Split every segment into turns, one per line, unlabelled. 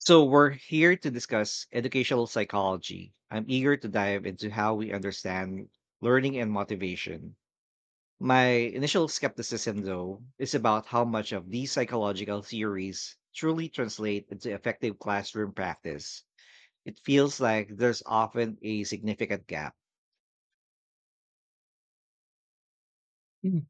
So, we're here to discuss educational psychology. I'm eager to dive into how we understand learning and motivation. My initial skepticism, though, is about how much of these psychological theories truly translate into effective classroom practice. It feels like there's often a significant gap.
Mm.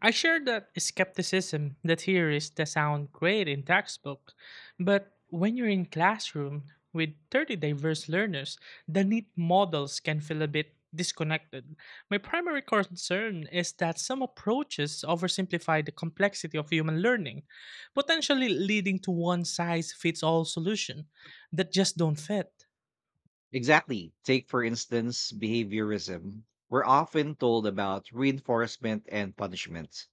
I share that skepticism. The theories that sound great in textbook, but when you're in classroom with 30 diverse learners, the neat models can feel a bit disconnected. My primary concern is that some approaches oversimplify the complexity of human learning, potentially leading to one size fits all solution that just don't fit.
Exactly. Take, for instance, behaviorism. We're often told about reinforcement and punishment,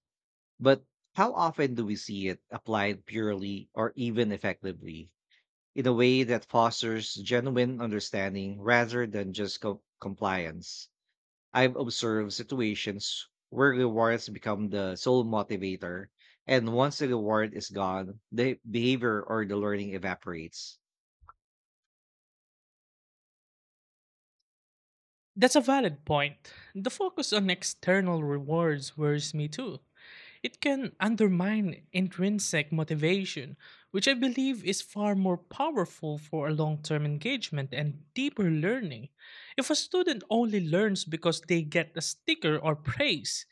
but how often do we see it applied purely or even effectively in a way that fosters genuine understanding rather than just compliance? I've observed situations where rewards become the sole motivator, and once the reward is gone, the behavior or the learning evaporates.
That's a valid point. The focus on external rewards worries me too. It can undermine intrinsic motivation, which I believe is far more powerful for a long term engagement and deeper learning. If a student only learns because they get a sticker or praise,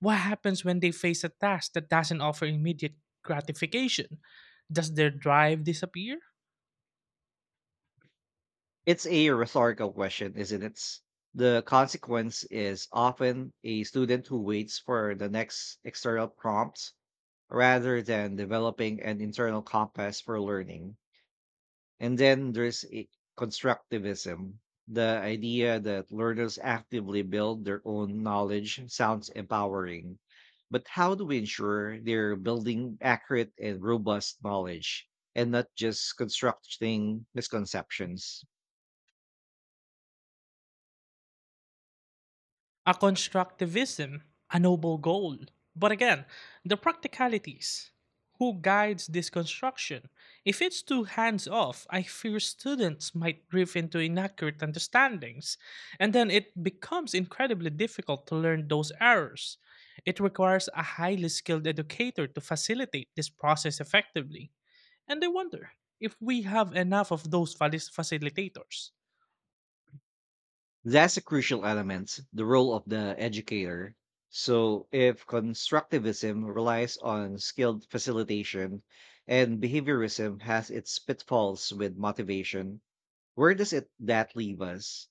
what happens when they face a task that doesn't offer immediate gratification? Does their drive disappear?
It's a rhetorical question, isn't it? The consequence is often a student who waits for the next external prompt rather than developing an internal compass for learning. And then there's constructivism. The idea that learners actively build their own knowledge sounds empowering. But how do we ensure they're building accurate and robust knowledge and not just constructing misconceptions?
A constructivism, a noble goal. But again, the practicalities. Who guides this construction? If it's too hands off, I fear students might drift into inaccurate understandings, and then it becomes incredibly difficult to learn those errors. It requires a highly skilled educator to facilitate this process effectively. And I wonder if we have enough of those facilitators.
That's a crucial element, the role of the educator. So, if constructivism relies on skilled facilitation and behaviorism has its pitfalls with motivation, where does it that leave us?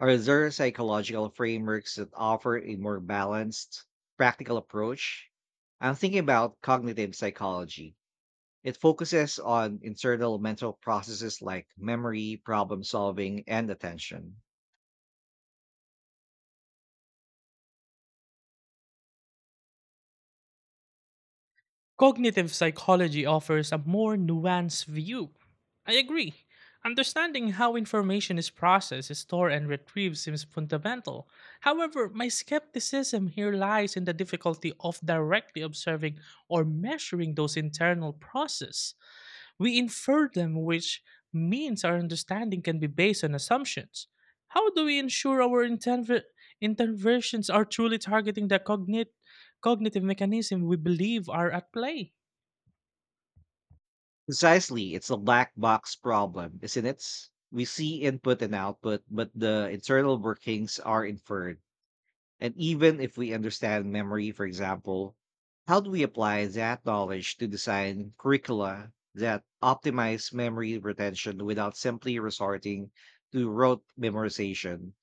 Are there psychological frameworks that offer a more balanced, practical approach? I'm thinking about cognitive psychology. It focuses on internal mental processes like memory, problem solving, and attention.
Cognitive psychology offers a more nuanced view. I agree. Understanding how information is processed, stored, and retrieved seems fundamental. However, my skepticism here lies in the difficulty of directly observing or measuring those internal processes. We infer them, which means our understanding can be based on assumptions. How do we ensure our interventions are truly targeting the cognitive mechanism we believe are at play?
Precisely, it's a black box problem, isn't it? We see input and output, but the internal workings are inferred. And even if we understand memory, for example, how do we apply that knowledge to design curricula that optimize memory retention without simply resorting to rote memorization,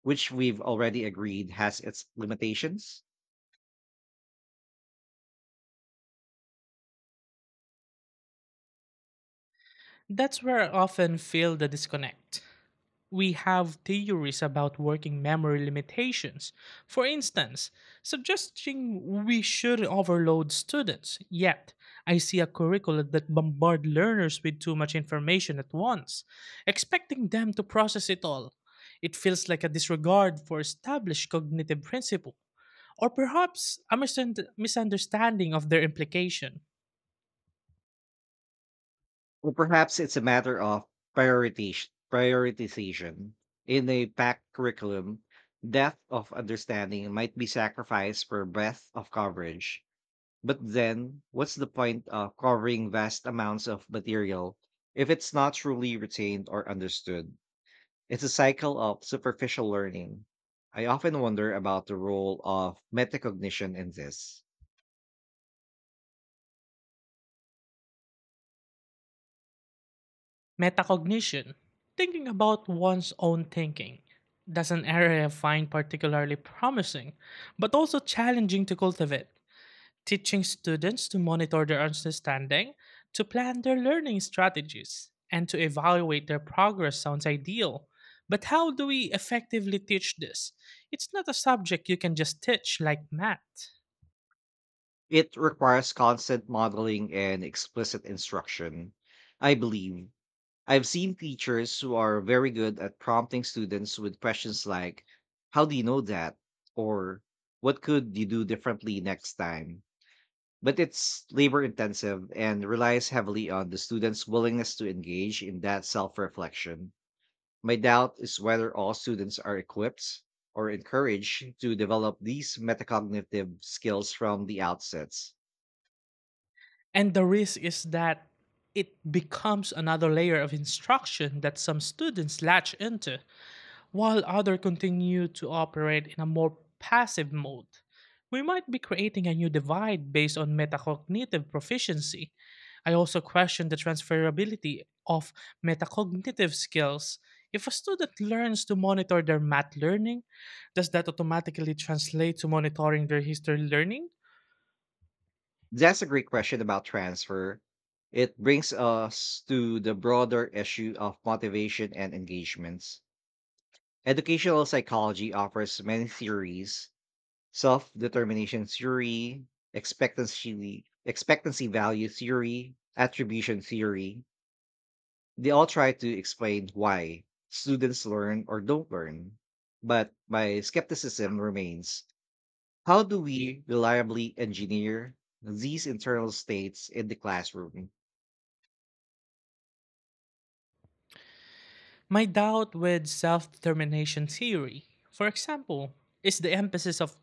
which we've already agreed has its limitations?
That's where I often feel the disconnect. We have theories about working memory limitations. For instance, suggesting we should overload students. Yet, I see a curriculum that bombard learners with too much information at once, expecting them to process it all. It feels like a disregard for established cognitive principle, or perhaps a misunderstanding of their implication.
Or perhaps it's a matter of prioritization. In a packed curriculum, depth of understanding might be sacrificed for breadth of coverage. But then, what's the point of covering vast amounts of material if it's not truly retained or understood? It's a cycle of superficial learning. I often wonder about the role of metacognition in this.
Metacognition, thinking about one's own thinking, that's an area I find particularly promising, but also challenging to cultivate. Teaching students to monitor their understanding, to plan their learning strategies, and to evaluate their progress sounds ideal. But how do we effectively teach this? It's not a subject you can just teach like math.
It requires constant modeling and explicit instruction, I believe. I've seen teachers who are very good at prompting students with questions like, "How do you know that?" or "What could you do differently next time?" But it's labor intensive and relies heavily on the student's willingness to engage in that self reflection. My doubt is whether all students are equipped or encouraged to develop these metacognitive skills from the outsets.
And the risk is that it becomes another layer of instruction that some students latch into while others continue to operate in a more passive mode. We might be creating a new divide based on metacognitive proficiency. I also question the transferability of metacognitive skills. If a student learns to monitor their math learning, does that automatically translate to monitoring their history learning?
That's a great question about transfer. It brings us to the broader issue of motivation and engagements. Educational psychology offers many theories: self determination theory, expectancy value theory, attribution theory. They all try to explain why students learn or don't learn. But my skepticism remains: how do we reliably engineer these internal states in the classroom?
My doubt with self determination theory, for example, is the emphasis of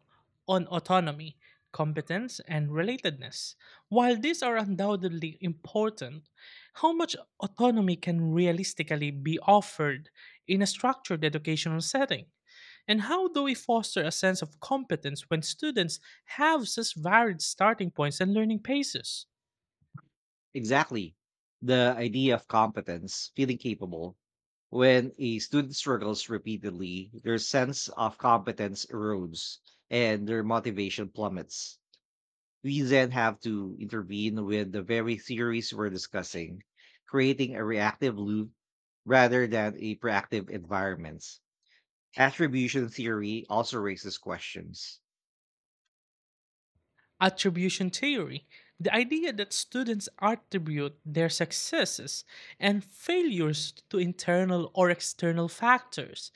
on autonomy, competence, and relatedness. While these are undoubtedly important, how much autonomy can realistically be offered in a structured educational setting? And how do we foster a sense of competence when students have such varied starting points and learning paces?
Exactly. The idea of competence, feeling capable. When a student struggles repeatedly, their sense of competence erodes and their motivation plummets. We then have to intervene with the very theories we're discussing, creating a reactive loop rather than a proactive environment. Attribution theory also raises questions.
Attribution theory, the idea that students attribute their successes and failures to internal or external factors,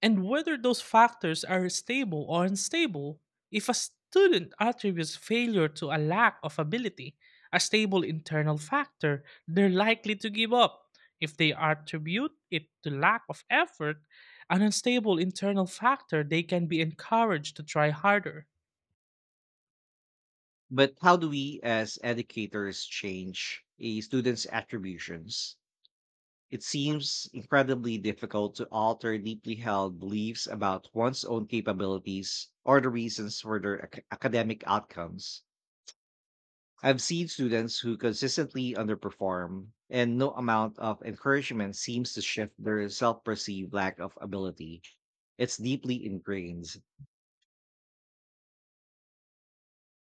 and whether those factors are stable or unstable. If a student attributes failure to a lack of ability, a stable internal factor, they're likely to give up. If they attribute it to lack of effort, an unstable internal factor, they can be encouraged to try harder.
But how do we as educators change a student's attributions? It seems incredibly difficult to alter deeply held beliefs about one's own capabilities or the reasons for their academic outcomes. I've seen students who consistently underperform, and no amount of encouragement seems to shift their self perceived lack of ability. It's deeply ingrained.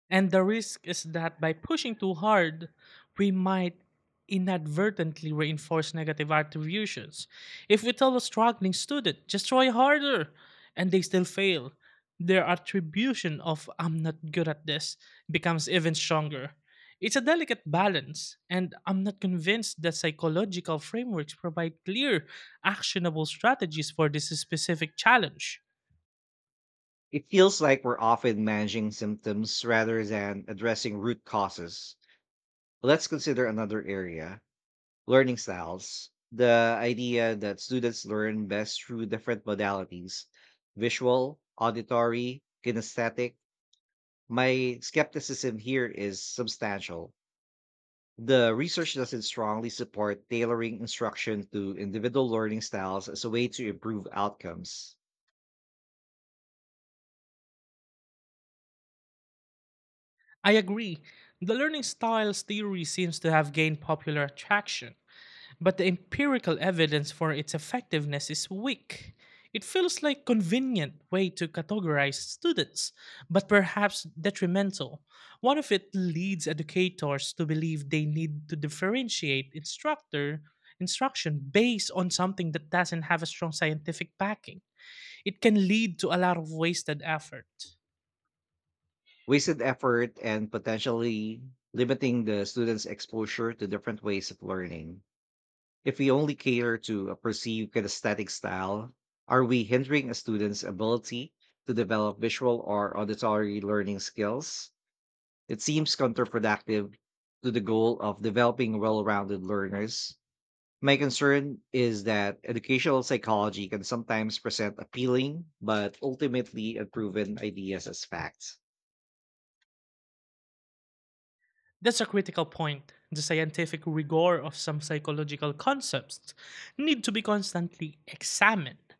And the risk is that by pushing too hard, we might inadvertently reinforce negative attributions. If we tell a struggling student, just try harder, and they still fail, their attribution of I'm not good at this becomes even stronger. It's a delicate balance, and I'm not convinced that psychological frameworks provide clear, actionable strategies for this specific challenge.
It feels like we're often managing symptoms rather than addressing root causes. Let's consider another area: learning styles. The idea that students learn best through different modalities: visual, auditory, kinesthetic. My skepticism here is substantial. The research doesn't strongly support tailoring instruction to individual learning styles as a way to improve outcomes.
I agree. The learning styles theory seems to have gained popular attraction, but the empirical evidence for its effectiveness is weak. It feels like convenient way to categorize students, but perhaps detrimental. One of it leads educators to believe they need to differentiate instructor instruction based on something that doesn't have a strong scientific backing, it can lead to a lot of wasted effort.
Wasted effort and potentially limiting the students' exposure to different ways of learning. If we only cater to a perceived kinesthetic style, are we hindering a student's ability to develop visual or auditory learning skills? It seems counterproductive to the goal of developing well rounded learners. My concern is that educational psychology can sometimes present appealing but ultimately unproven ideas as facts.
That's a critical point. The scientific rigor of some psychological concepts need to be constantly examined,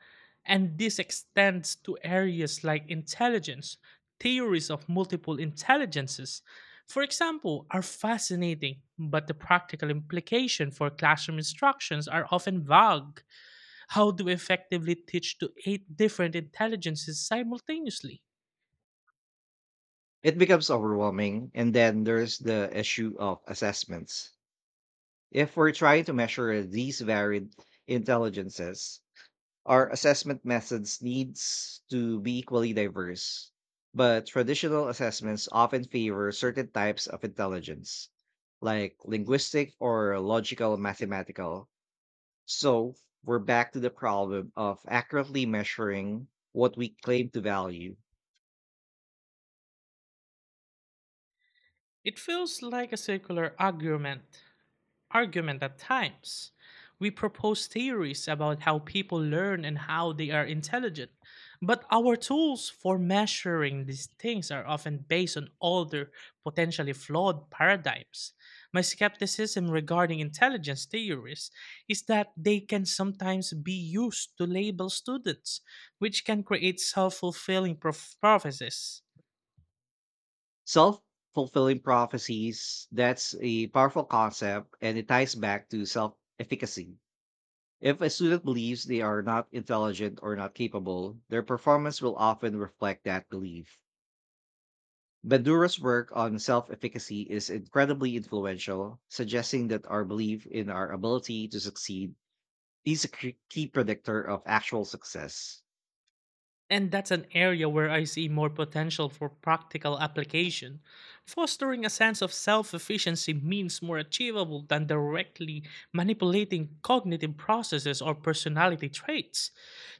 and this extends to areas like intelligence. Theories of multiple intelligences, for example, are fascinating, but the practical implication for classroom instructions are often vague. How do we effectively teach to eight different intelligences simultaneously?
It becomes overwhelming, and then there's the issue of assessments. If we're trying to measure these varied intelligences, our assessment methods needs to be equally diverse. But traditional assessments often favor certain types of intelligence, like linguistic or logical mathematical. So we're back to the problem of accurately measuring what we claim to value.
It feels like a circular argument argument at times. We propose theories about how people learn and how they are intelligent, but our tools for measuring these things are often based on older, potentially flawed paradigms. My skepticism regarding intelligence theories is that they can sometimes be used to label students, which can create self fulfilling prophecies.
Self fulfilling prophecies, that's a powerful concept and it ties back to self efficacy. If a student believes they are not intelligent or not capable, their performance will often reflect that belief. Bandura's work on self efficacy is incredibly influential, suggesting that our belief in our ability to succeed is a key predictor of actual success.
And that's an area where I see more potential for practical application. Fostering a sense of self efficiency means more achievable than directly manipulating cognitive processes or personality traits.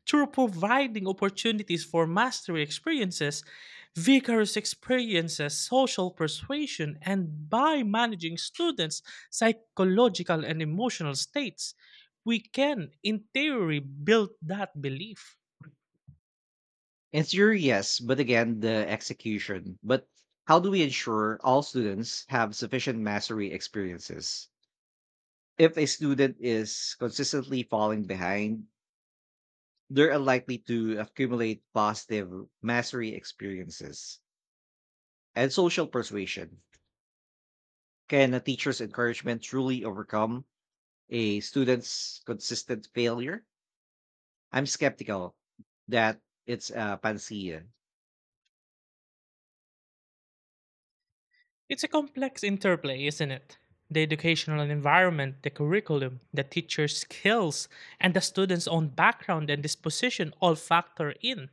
Through providing opportunities for mastery experiences, vigorous experiences, social persuasion, and by managing students' psychological and emotional states, we can, in theory, build that belief.
In theory, yes, but again, the execution. But how do we ensure all students have sufficient mastery experiences? If a student is consistently falling behind, they're unlikely to accumulate positive mastery experiences and social persuasion. Can a teacher's encouragement truly overcome a student's consistent failure? I'm skeptical that it's a panacea.
It's a complex interplay, isn't it? The educational environment, the curriculum, the teacher's skills, and the student's own background and disposition all factor in.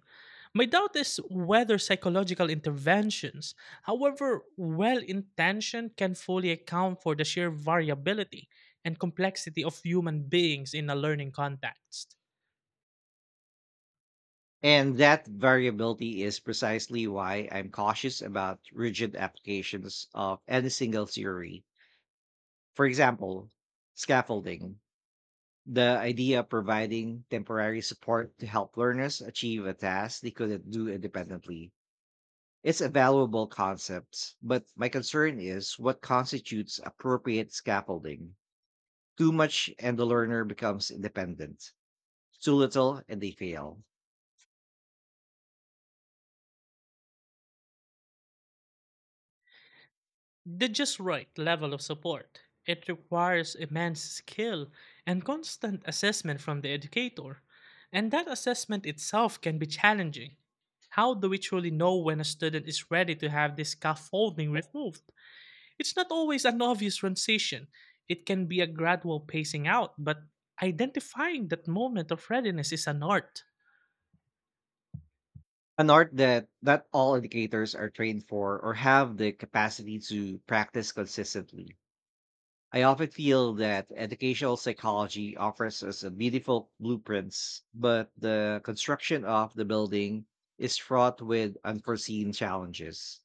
My doubt is whether psychological interventions, however well intentioned, can fully account for the sheer variability and complexity of human beings in a learning context.
And that variability is precisely why I'm cautious about rigid applications of any single theory. For example, scaffolding. The idea of providing temporary support to help learners achieve a task they couldn't do independently. It's a valuable concept, but my concern is what constitutes appropriate scaffolding. Too much and the learner becomes independent. Too little and they fail.
The just right level of support. It requires immense skill and constant assessment from the educator, and that assessment itself can be challenging. How do we truly know when a student is ready to have this scaffolding removed? It's not always an obvious transition. It can be a gradual pacing out, but identifying that moment of readiness is an art.
An art that not all educators are trained for or have the capacity to practice consistently. I often feel that educational psychology offers us a beautiful blueprints, but the construction of the building is fraught with unforeseen challenges.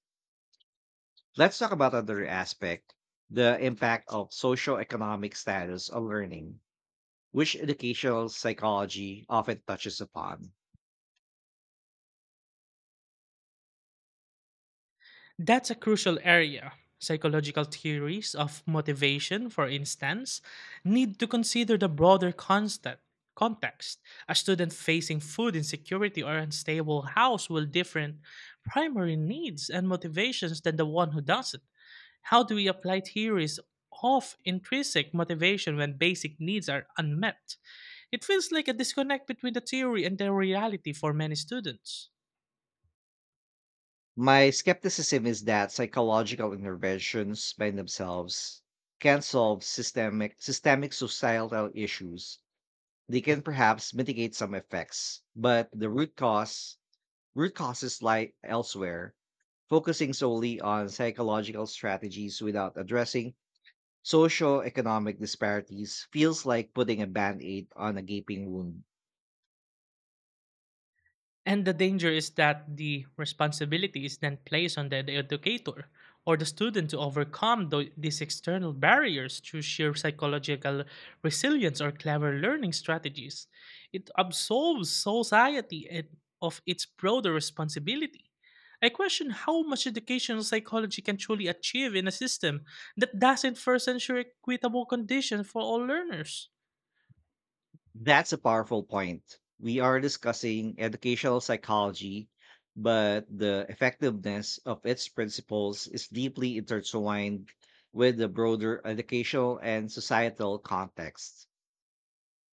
Let's talk about another aspect, the impact of socioeconomic status on learning, which educational psychology often touches upon.
That's a crucial area. Psychological theories of motivation, for instance, need to consider the broader constant context. A student facing food insecurity or unstable house will different primary needs and motivations than the one who doesn't. How do we apply theories of intrinsic motivation when basic needs are unmet? It feels like a disconnect between the theory and the reality for many students.
My skepticism is that psychological interventions by themselves can solve systemic societal issues. They can perhaps mitigate some effects, but the root causes lie elsewhere. Focusing solely on psychological strategies without addressing socio-economic disparities feels like putting a band-aid on a gaping wound.
And the danger is that the responsibility is then placed on the educator or the student to overcome these external barriers through sheer psychological resilience or clever learning strategies. It absolves society and of its broader responsibility. I question how much educational psychology can truly achieve in a system that doesn't first ensure equitable conditions for all learners.
That's a powerful point. We are discussing educational psychology, but the effectiveness of its principles is deeply intertwined with the broader educational and societal context.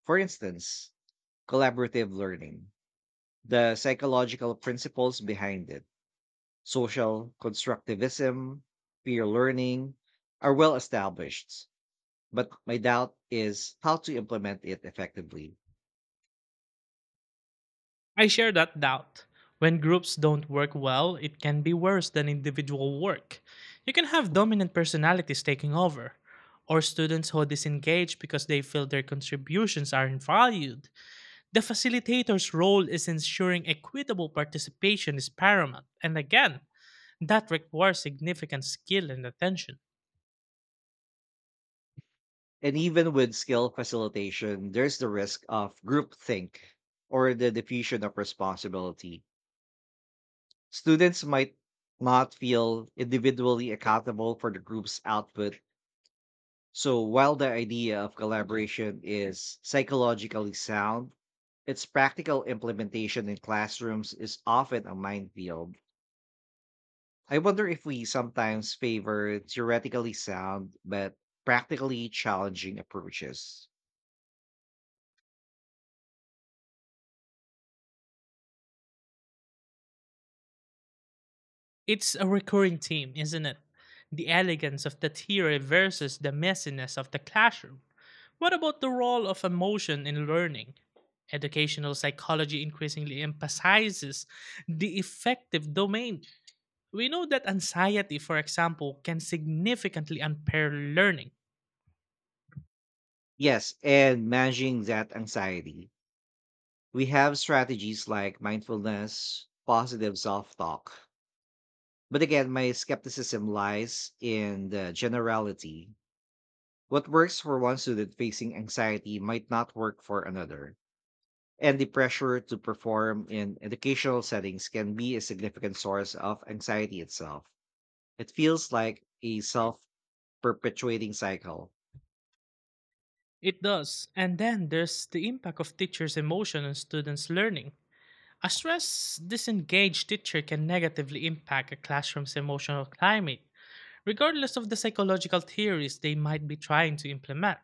For instance, collaborative learning, the psychological principles behind it, social constructivism, peer learning, are well established, but my doubt is how to implement it effectively.
I share that doubt. When groups don't work well, it can be worse than individual work. You can have dominant personalities taking over, or students who disengage because they feel their contributions aren't valued. The facilitator's role is ensuring equitable participation is paramount. And again, that requires significant skill and attention.
And even with skill facilitation, there's the risk of groupthink or the diffusion of responsibility. Students might not feel individually accountable for the group's output. So while the idea of collaboration is psychologically sound, its practical implementation in classrooms is often a minefield. I wonder if we sometimes favor theoretically sound but practically challenging approaches.
It's a recurring theme, isn't it? The elegance of the theory versus the messiness of the classroom. What about the role of emotion in learning? Educational psychology increasingly emphasizes the effective domain. We know that anxiety, for example, can significantly impair learning.
Yes, and managing that anxiety. We have strategies like mindfulness, positive self talk. But again, my skepticism lies in the generality. What works for one student facing anxiety might not work for another, and the pressure to perform in educational settings can be a significant source of anxiety itself. It feels like a self perpetuating cycle.
It does. And then there's the impact of teachers' emotion on students' learning. A stress disengaged teacher can negatively impact a classroom's emotional climate, regardless of the psychological theories they might be trying to implement.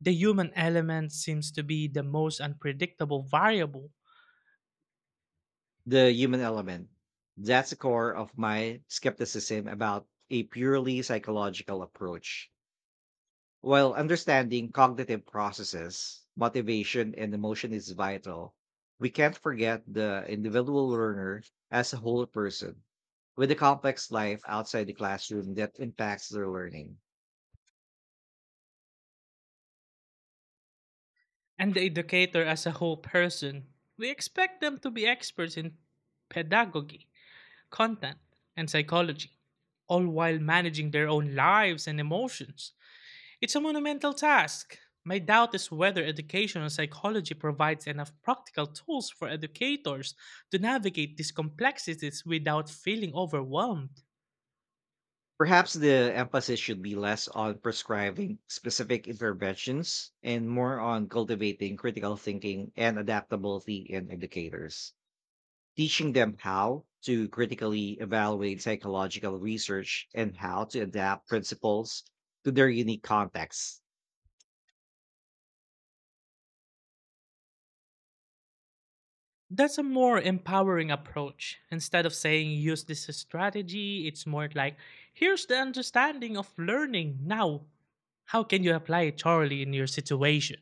The human element seems to be the most unpredictable variable.
The human element. That's the core of my skepticism about a purely psychological approach. While understanding cognitive processes, motivation, and emotion is vital, we can't forget the individual learner as a whole person with a complex life outside the classroom that impacts their learning.
And the educator as a whole person, we expect them to be experts in pedagogy, content, and psychology, all while managing their own lives and emotions. It's a monumental task. My doubt is whether educational psychology provides enough practical tools for educators to navigate these complexities without feeling overwhelmed.
Perhaps the emphasis should be less on prescribing specific interventions and more on cultivating critical thinking and adaptability in educators, teaching them how to critically evaluate psychological research and how to adapt principles to their unique contexts.
That's a more empowering approach. Instead of saying use this as strategy, it's more like here's the understanding of learning now. How can you apply it thoroughly in your situation?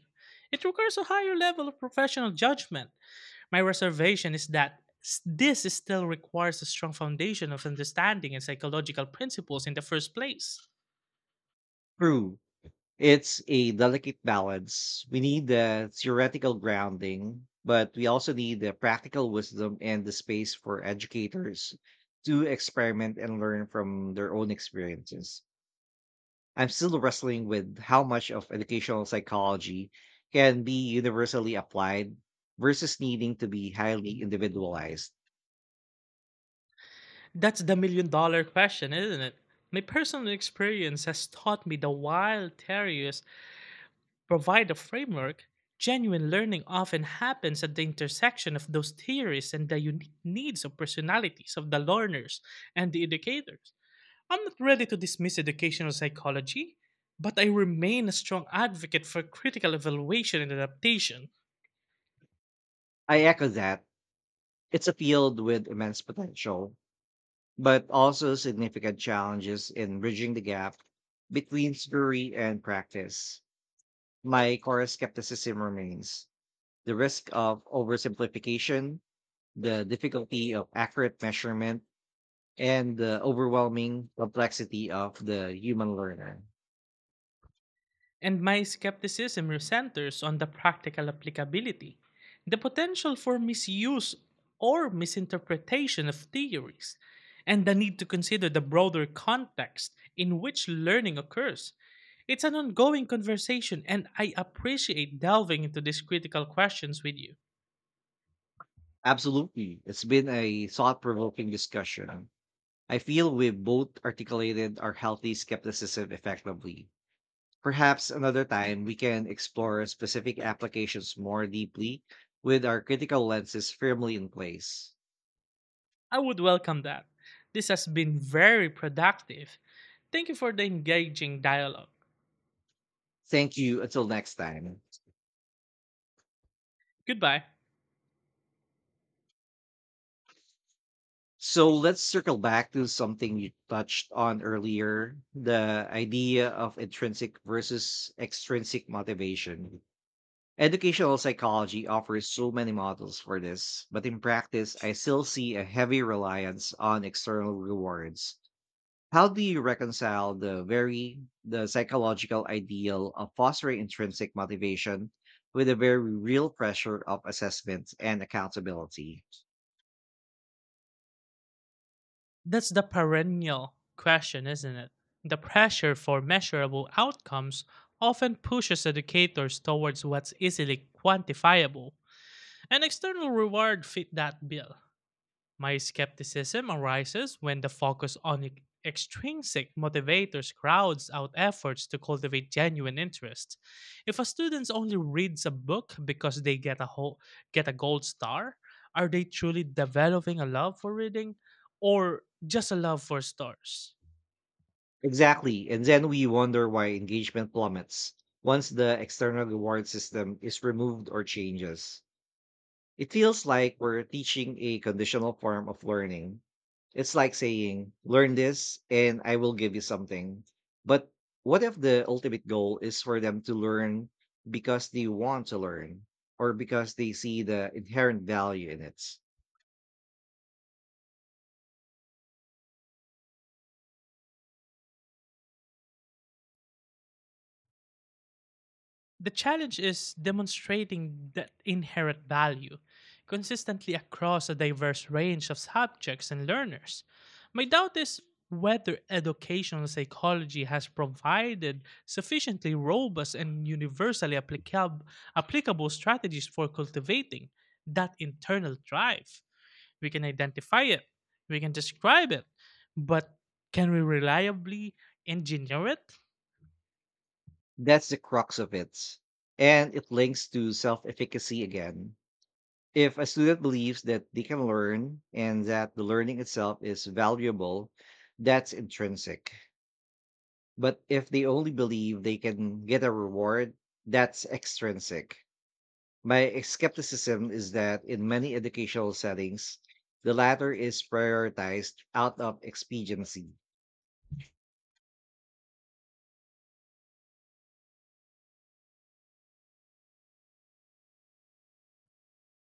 It requires a higher level of professional judgment. My reservation is that this is still requires a strong foundation of understanding and psychological principles in the first place.
True, it's a delicate balance. We need the theoretical grounding, but we also need the practical wisdom and the space for educators to experiment and learn from their own experiences. I'm still wrestling with how much of educational psychology can be universally applied versus needing to be highly individualized.
That's the million dollar question, isn't it? My personal experience has taught me the while theories provide a framework, genuine learning often happens at the intersection of those theories and the unique needs of personalities of the learners and the educators. I'm not ready to dismiss educational psychology, but I remain a strong advocate for critical evaluation and adaptation.
I echo that. It's a field with immense potential, but also significant challenges in bridging the gap between theory and practice. My core skepticism remains the risk of oversimplification, the difficulty of accurate measurement, and the overwhelming complexity of the human learner.
And my skepticism centers on the practical applicability, the potential for misuse or misinterpretation of theories, and the need to consider the broader context in which learning occurs. It's an ongoing conversation, and I appreciate delving into these critical questions with you.
Absolutely. It's been a thought provoking discussion. I feel we've both articulated our healthy skepticism effectively. Perhaps another time we can explore specific applications more deeply with our critical lenses firmly in place.
I would welcome that. This has been very productive. Thank you for the engaging dialogue.
Thank you. Until next time.
Goodbye.
So let's circle back to something you touched on earlier: the idea of intrinsic versus extrinsic motivation. Educational psychology offers so many models for this, but in practice, I still see a heavy reliance on external rewards. How do you reconcile the psychological ideal of fostering intrinsic motivation with the very real pressure of assessment and accountability?
That's the perennial question, isn't it? The pressure for measurable outcomes often pushes educators towards what's easily quantifiable, and external reward fit that bill. My skepticism arises when the focus on extrinsic motivators crowds out efforts to cultivate genuine interest. If a student only reads a book because they get a gold star, are they truly developing a love for reading or just a love for stars?
Exactly, and then we wonder why engagement plummets once the external reward system is removed or changes. It feels like we're teaching a conditional form of learning. It's like saying, "Learn this and I will give you something." But what if the ultimate goal is for them to learn because they want to learn or because they see the inherent value in it?
The challenge is demonstrating that inherent value consistently across a diverse range of subjects and learners. My doubt is whether educational psychology has provided sufficiently robust and universally applicable strategies for cultivating that internal drive. We can identify it, we can describe it, but can we reliably engineer it?
That's the crux of it. And it links to self efficacy again. If a student believes that they can learn and that the learning itself is valuable, that's intrinsic. But if they only believe they can get a reward, that's extrinsic. My skepticism is that in many educational settings, the latter is prioritized out of expediency.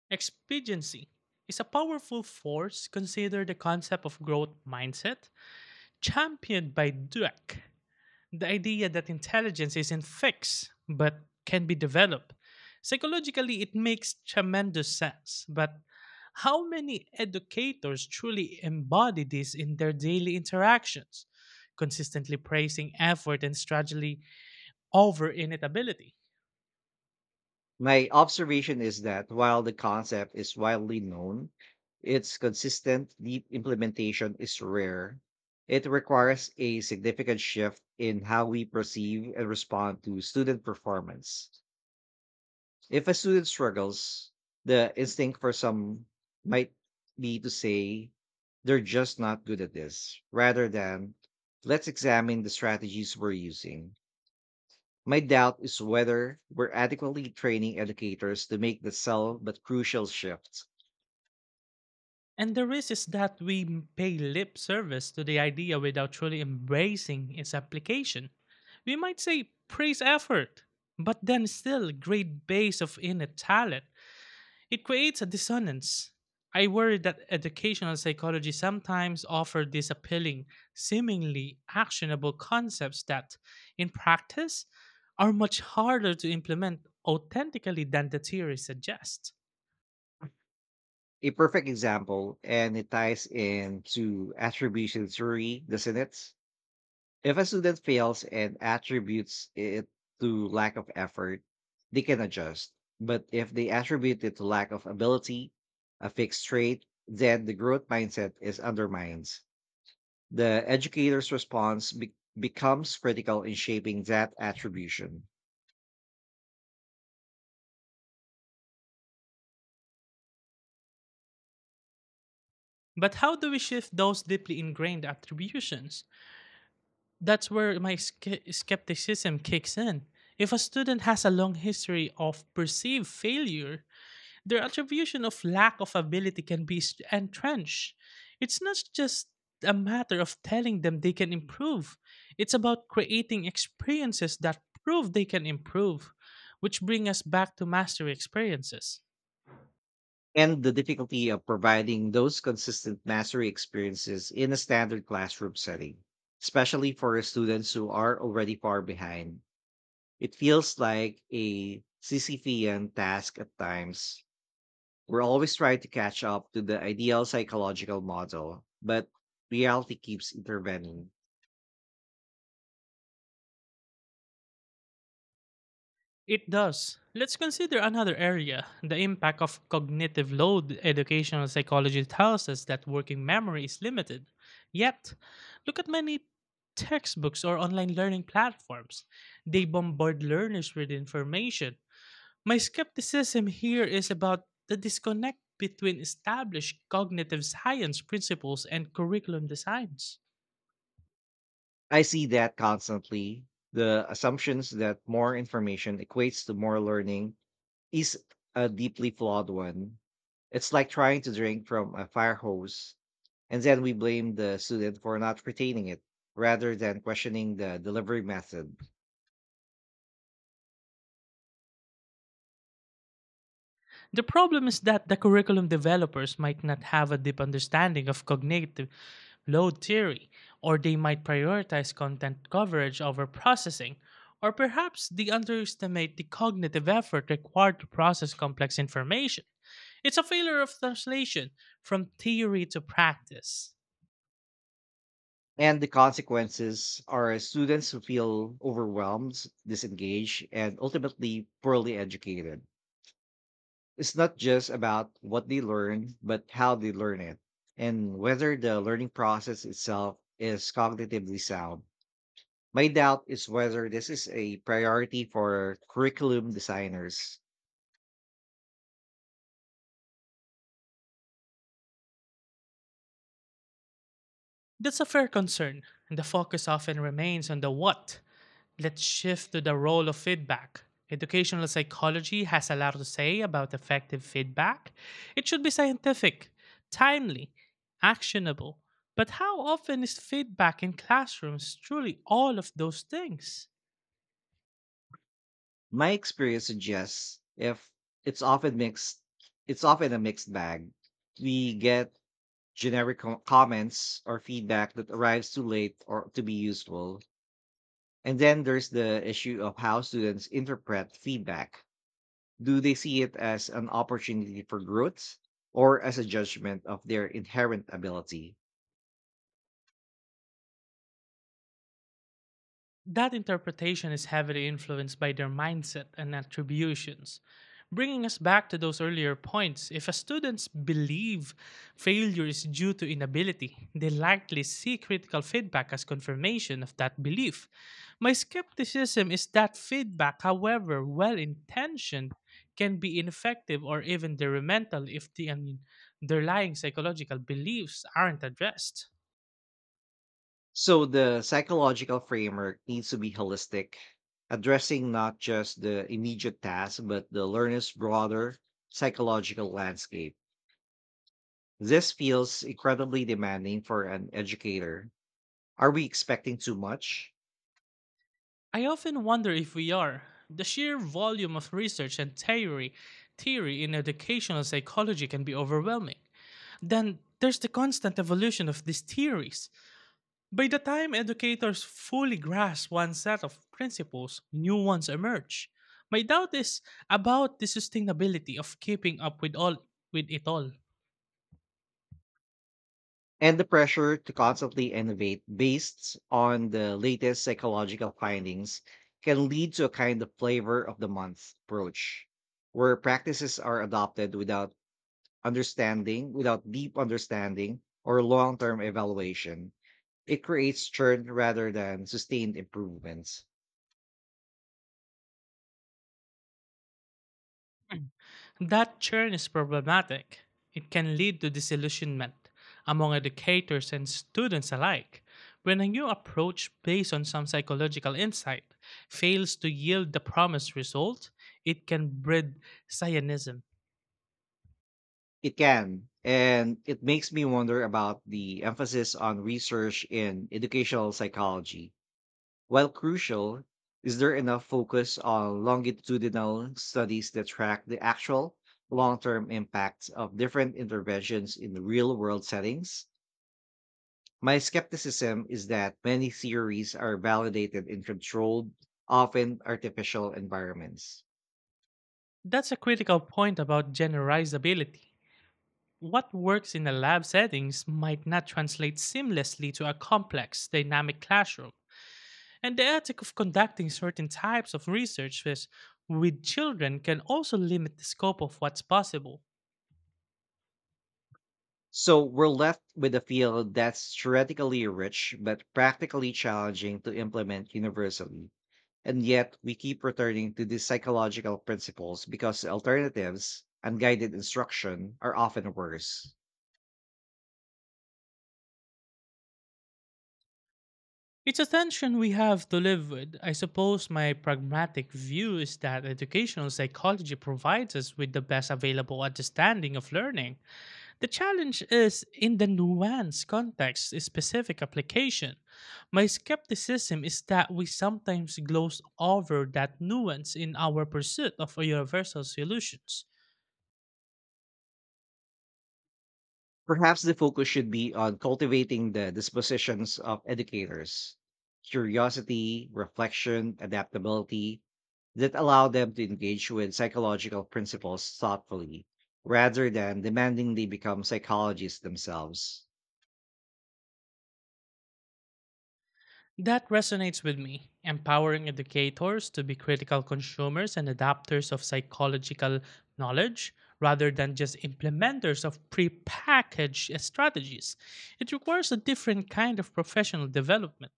Expediency is a powerful force. Consider the concept of growth mindset championed by Dweck. The idea that intelligence isn't fixed but can be developed. Psychologically, it makes tremendous sense, but how many educators truly embody this in their daily interactions, consistently praising effort and strategy over inevitability?
My observation is that while the concept is widely known, its consistent, deep implementation is rare. It requires a significant shift in how we perceive and respond to student performance. If a student struggles, the instinct for some might be to say, they're just not good at this, rather than, let's examine the strategies we're using. My doubt is whether we're adequately training educators to make the subtle but crucial shift.
And the risk is that we pay lip service to the idea without truly embracing its application. We might say praise effort, but then still grade base of innate talent. It creates a dissonance. I worry that educational psychology sometimes offers these appealing, seemingly actionable concepts that, in practice, are much harder to implement authentically than the theory suggests.
A perfect example, and it ties into attribution theory, doesn't it? If a student fails and attributes it to lack of effort, they can adjust. But if they attribute it to lack of ability, a fixed trait, then the growth mindset is undermined. The educator's response becomes critical in shaping that attribution.
But how do we shift those deeply ingrained attributions? That's where my skepticism kicks in. If a student has a long history of perceived failure, their attribution of lack of ability can be entrenched. It's not just a matter of telling them they can improve, it's about creating experiences that prove they can improve, which bring us back to mastery experiences.
And the difficulty of providing those consistent mastery experiences in a standard classroom setting, especially for students who are already far behind. It feels like a Sisyphean task at times. We're always trying to catch up to the ideal psychological model, but reality keeps intervening.
It does. Let's consider another area: the impact of cognitive load. Educational psychology tells us that working memory is limited. Yet, look at many textbooks or online learning platforms. They bombard learners with information. My skepticism here is about the disconnect between established cognitive science principles and curriculum designs.
I see that constantly. The assumptions that more information equates to more learning is a deeply flawed one. It's like trying to drink from a fire hose, and then we blame the student for not retaining it rather than questioning the delivery method.
The problem is that the curriculum developers might not have a deep understanding of cognitive load theory, or they might prioritize content coverage over processing, or perhaps they underestimate the cognitive effort required to process complex information. It's a failure of translation from theory to practice.
And the consequences are students who feel overwhelmed, disengaged, and ultimately poorly educated. It's not just about what they learn, but how they learn it, and whether the learning process itself is cognitively sound. My doubt is whether this is a priority for curriculum designers.
That's a fair concern, and the focus often remains on the what. Let's shift to the role of feedback. Educational psychology has a lot to say about effective feedback. It should be scientific, timely, actionable. But how often is feedback in classrooms truly all of those things?
My experience suggests if it's often mixed, it's often a mixed bag. We get generic comments or feedback that arrives too late or to be useful. And then there's the issue of how students interpret feedback. Do they see it as an opportunity for growth or as a judgment of their inherent ability?
That interpretation is heavily influenced by their mindset and attributions. Bringing us back to those earlier points, if a students believe failure is due to inability, they likely see critical feedback as confirmation of that belief. My skepticism is that feedback, however well intentioned, can be ineffective or even detrimental if the underlying psychological beliefs aren't addressed.
So the psychological framework needs to be holistic, addressing not just the immediate task, but the learner's broader psychological landscape. This feels incredibly demanding for an educator. Are we expecting too much?
I often wonder if we are. The sheer volume of research and theory in educational psychology can be overwhelming. Then there's the constant evolution of these theories. By the time educators fully grasp one set of principles, new ones emerge. My doubt is about the sustainability of keeping up with all with it all.
And the pressure to constantly innovate based on the latest psychological findings can lead to a kind of flavor of the month approach where practices are adopted without deep understanding or long-term evaluation. It creates churn rather than sustained improvements.
That churn is problematic. It can lead to disillusionment among educators and students alike when a new approach based on some psychological insight fails to yield the promised result. It can breed psionism.
It can, and it makes me wonder about the emphasis on research in educational psychology. While crucial, is there enough focus on longitudinal studies that track the actual long term impacts of different interventions in real world settings? My skepticism is that many theories are validated in controlled, often artificial environments.
That's a critical point about generalizability. What works in a lab settings might not translate seamlessly to a complex dynamic classroom. And the ethic of conducting certain types of research with children can also limit the scope of what's possible.
So we're left with a field that's theoretically rich but practically challenging to implement universally. And yet, we keep returning to these psychological principles because alternatives, unguided instruction, are often worse.
It's a tension we have to live with. I suppose my pragmatic view is that educational psychology provides us with the best available understanding of learning. The challenge is in the nuanced context, specific application. My skepticism is that we sometimes gloss over that nuance in our pursuit of universal solutions.
Perhaps the focus should be on cultivating the dispositions of educators, curiosity, reflection, adaptability, that allow them to engage with psychological principles thoughtfully rather than demanding they become psychologists themselves.
That resonates with me. Empowering educators to be critical consumers and adapters of psychological knowledge rather than just implementers of prepackaged strategies. It requires a different kind of professional development.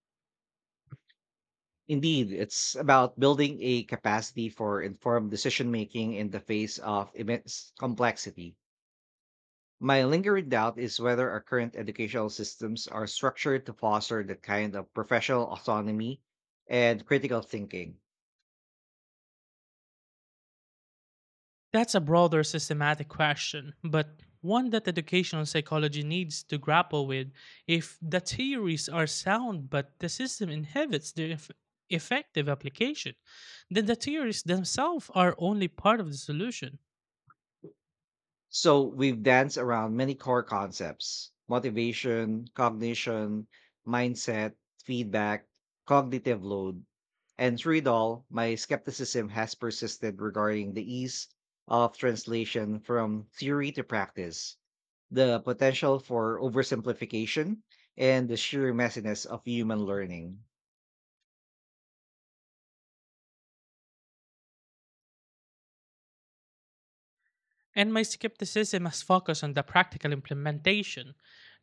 Indeed, it's about building a capacity for informed decision making in the face of immense complexity. My lingering doubt is whether our current educational systems are structured to foster that kind of professional autonomy and critical thinking.
That's a broader systematic question, but one that educational psychology needs to grapple with. If the theories are sound but the system inhibits their effective application, then the theories themselves are only part of the solution.
So we've danced around many core concepts, motivation, cognition, mindset, feedback, cognitive load. And through it all, my skepticism has persisted regarding the ease of translation from theory to practice, the potential for oversimplification, and the sheer messiness of human learning.
And my skepticism has focused on the practical implementation,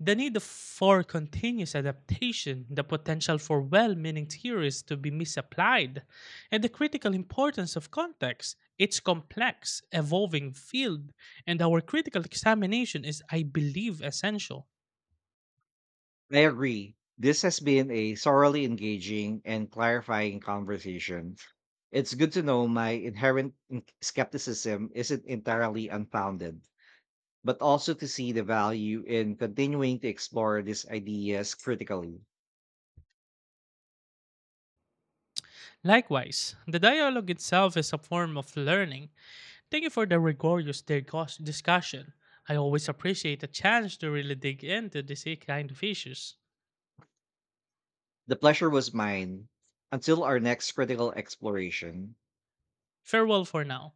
the need for continuous adaptation, the potential for well meaning theories to be misapplied, and the critical importance of context. Its complex, evolving field, and our critical examination is, I believe, essential.
I agree. This has been a thoroughly engaging and clarifying conversation. It's good to know my inherent skepticism isn't entirely unfounded, but also to see the value in continuing to explore these ideas critically.
Likewise, the dialogue itself is a form of learning. Thank you for the rigorous discussion. I always appreciate a chance to really dig into these kind of issues.
The pleasure was mine until our next critical exploration.
Farewell for now.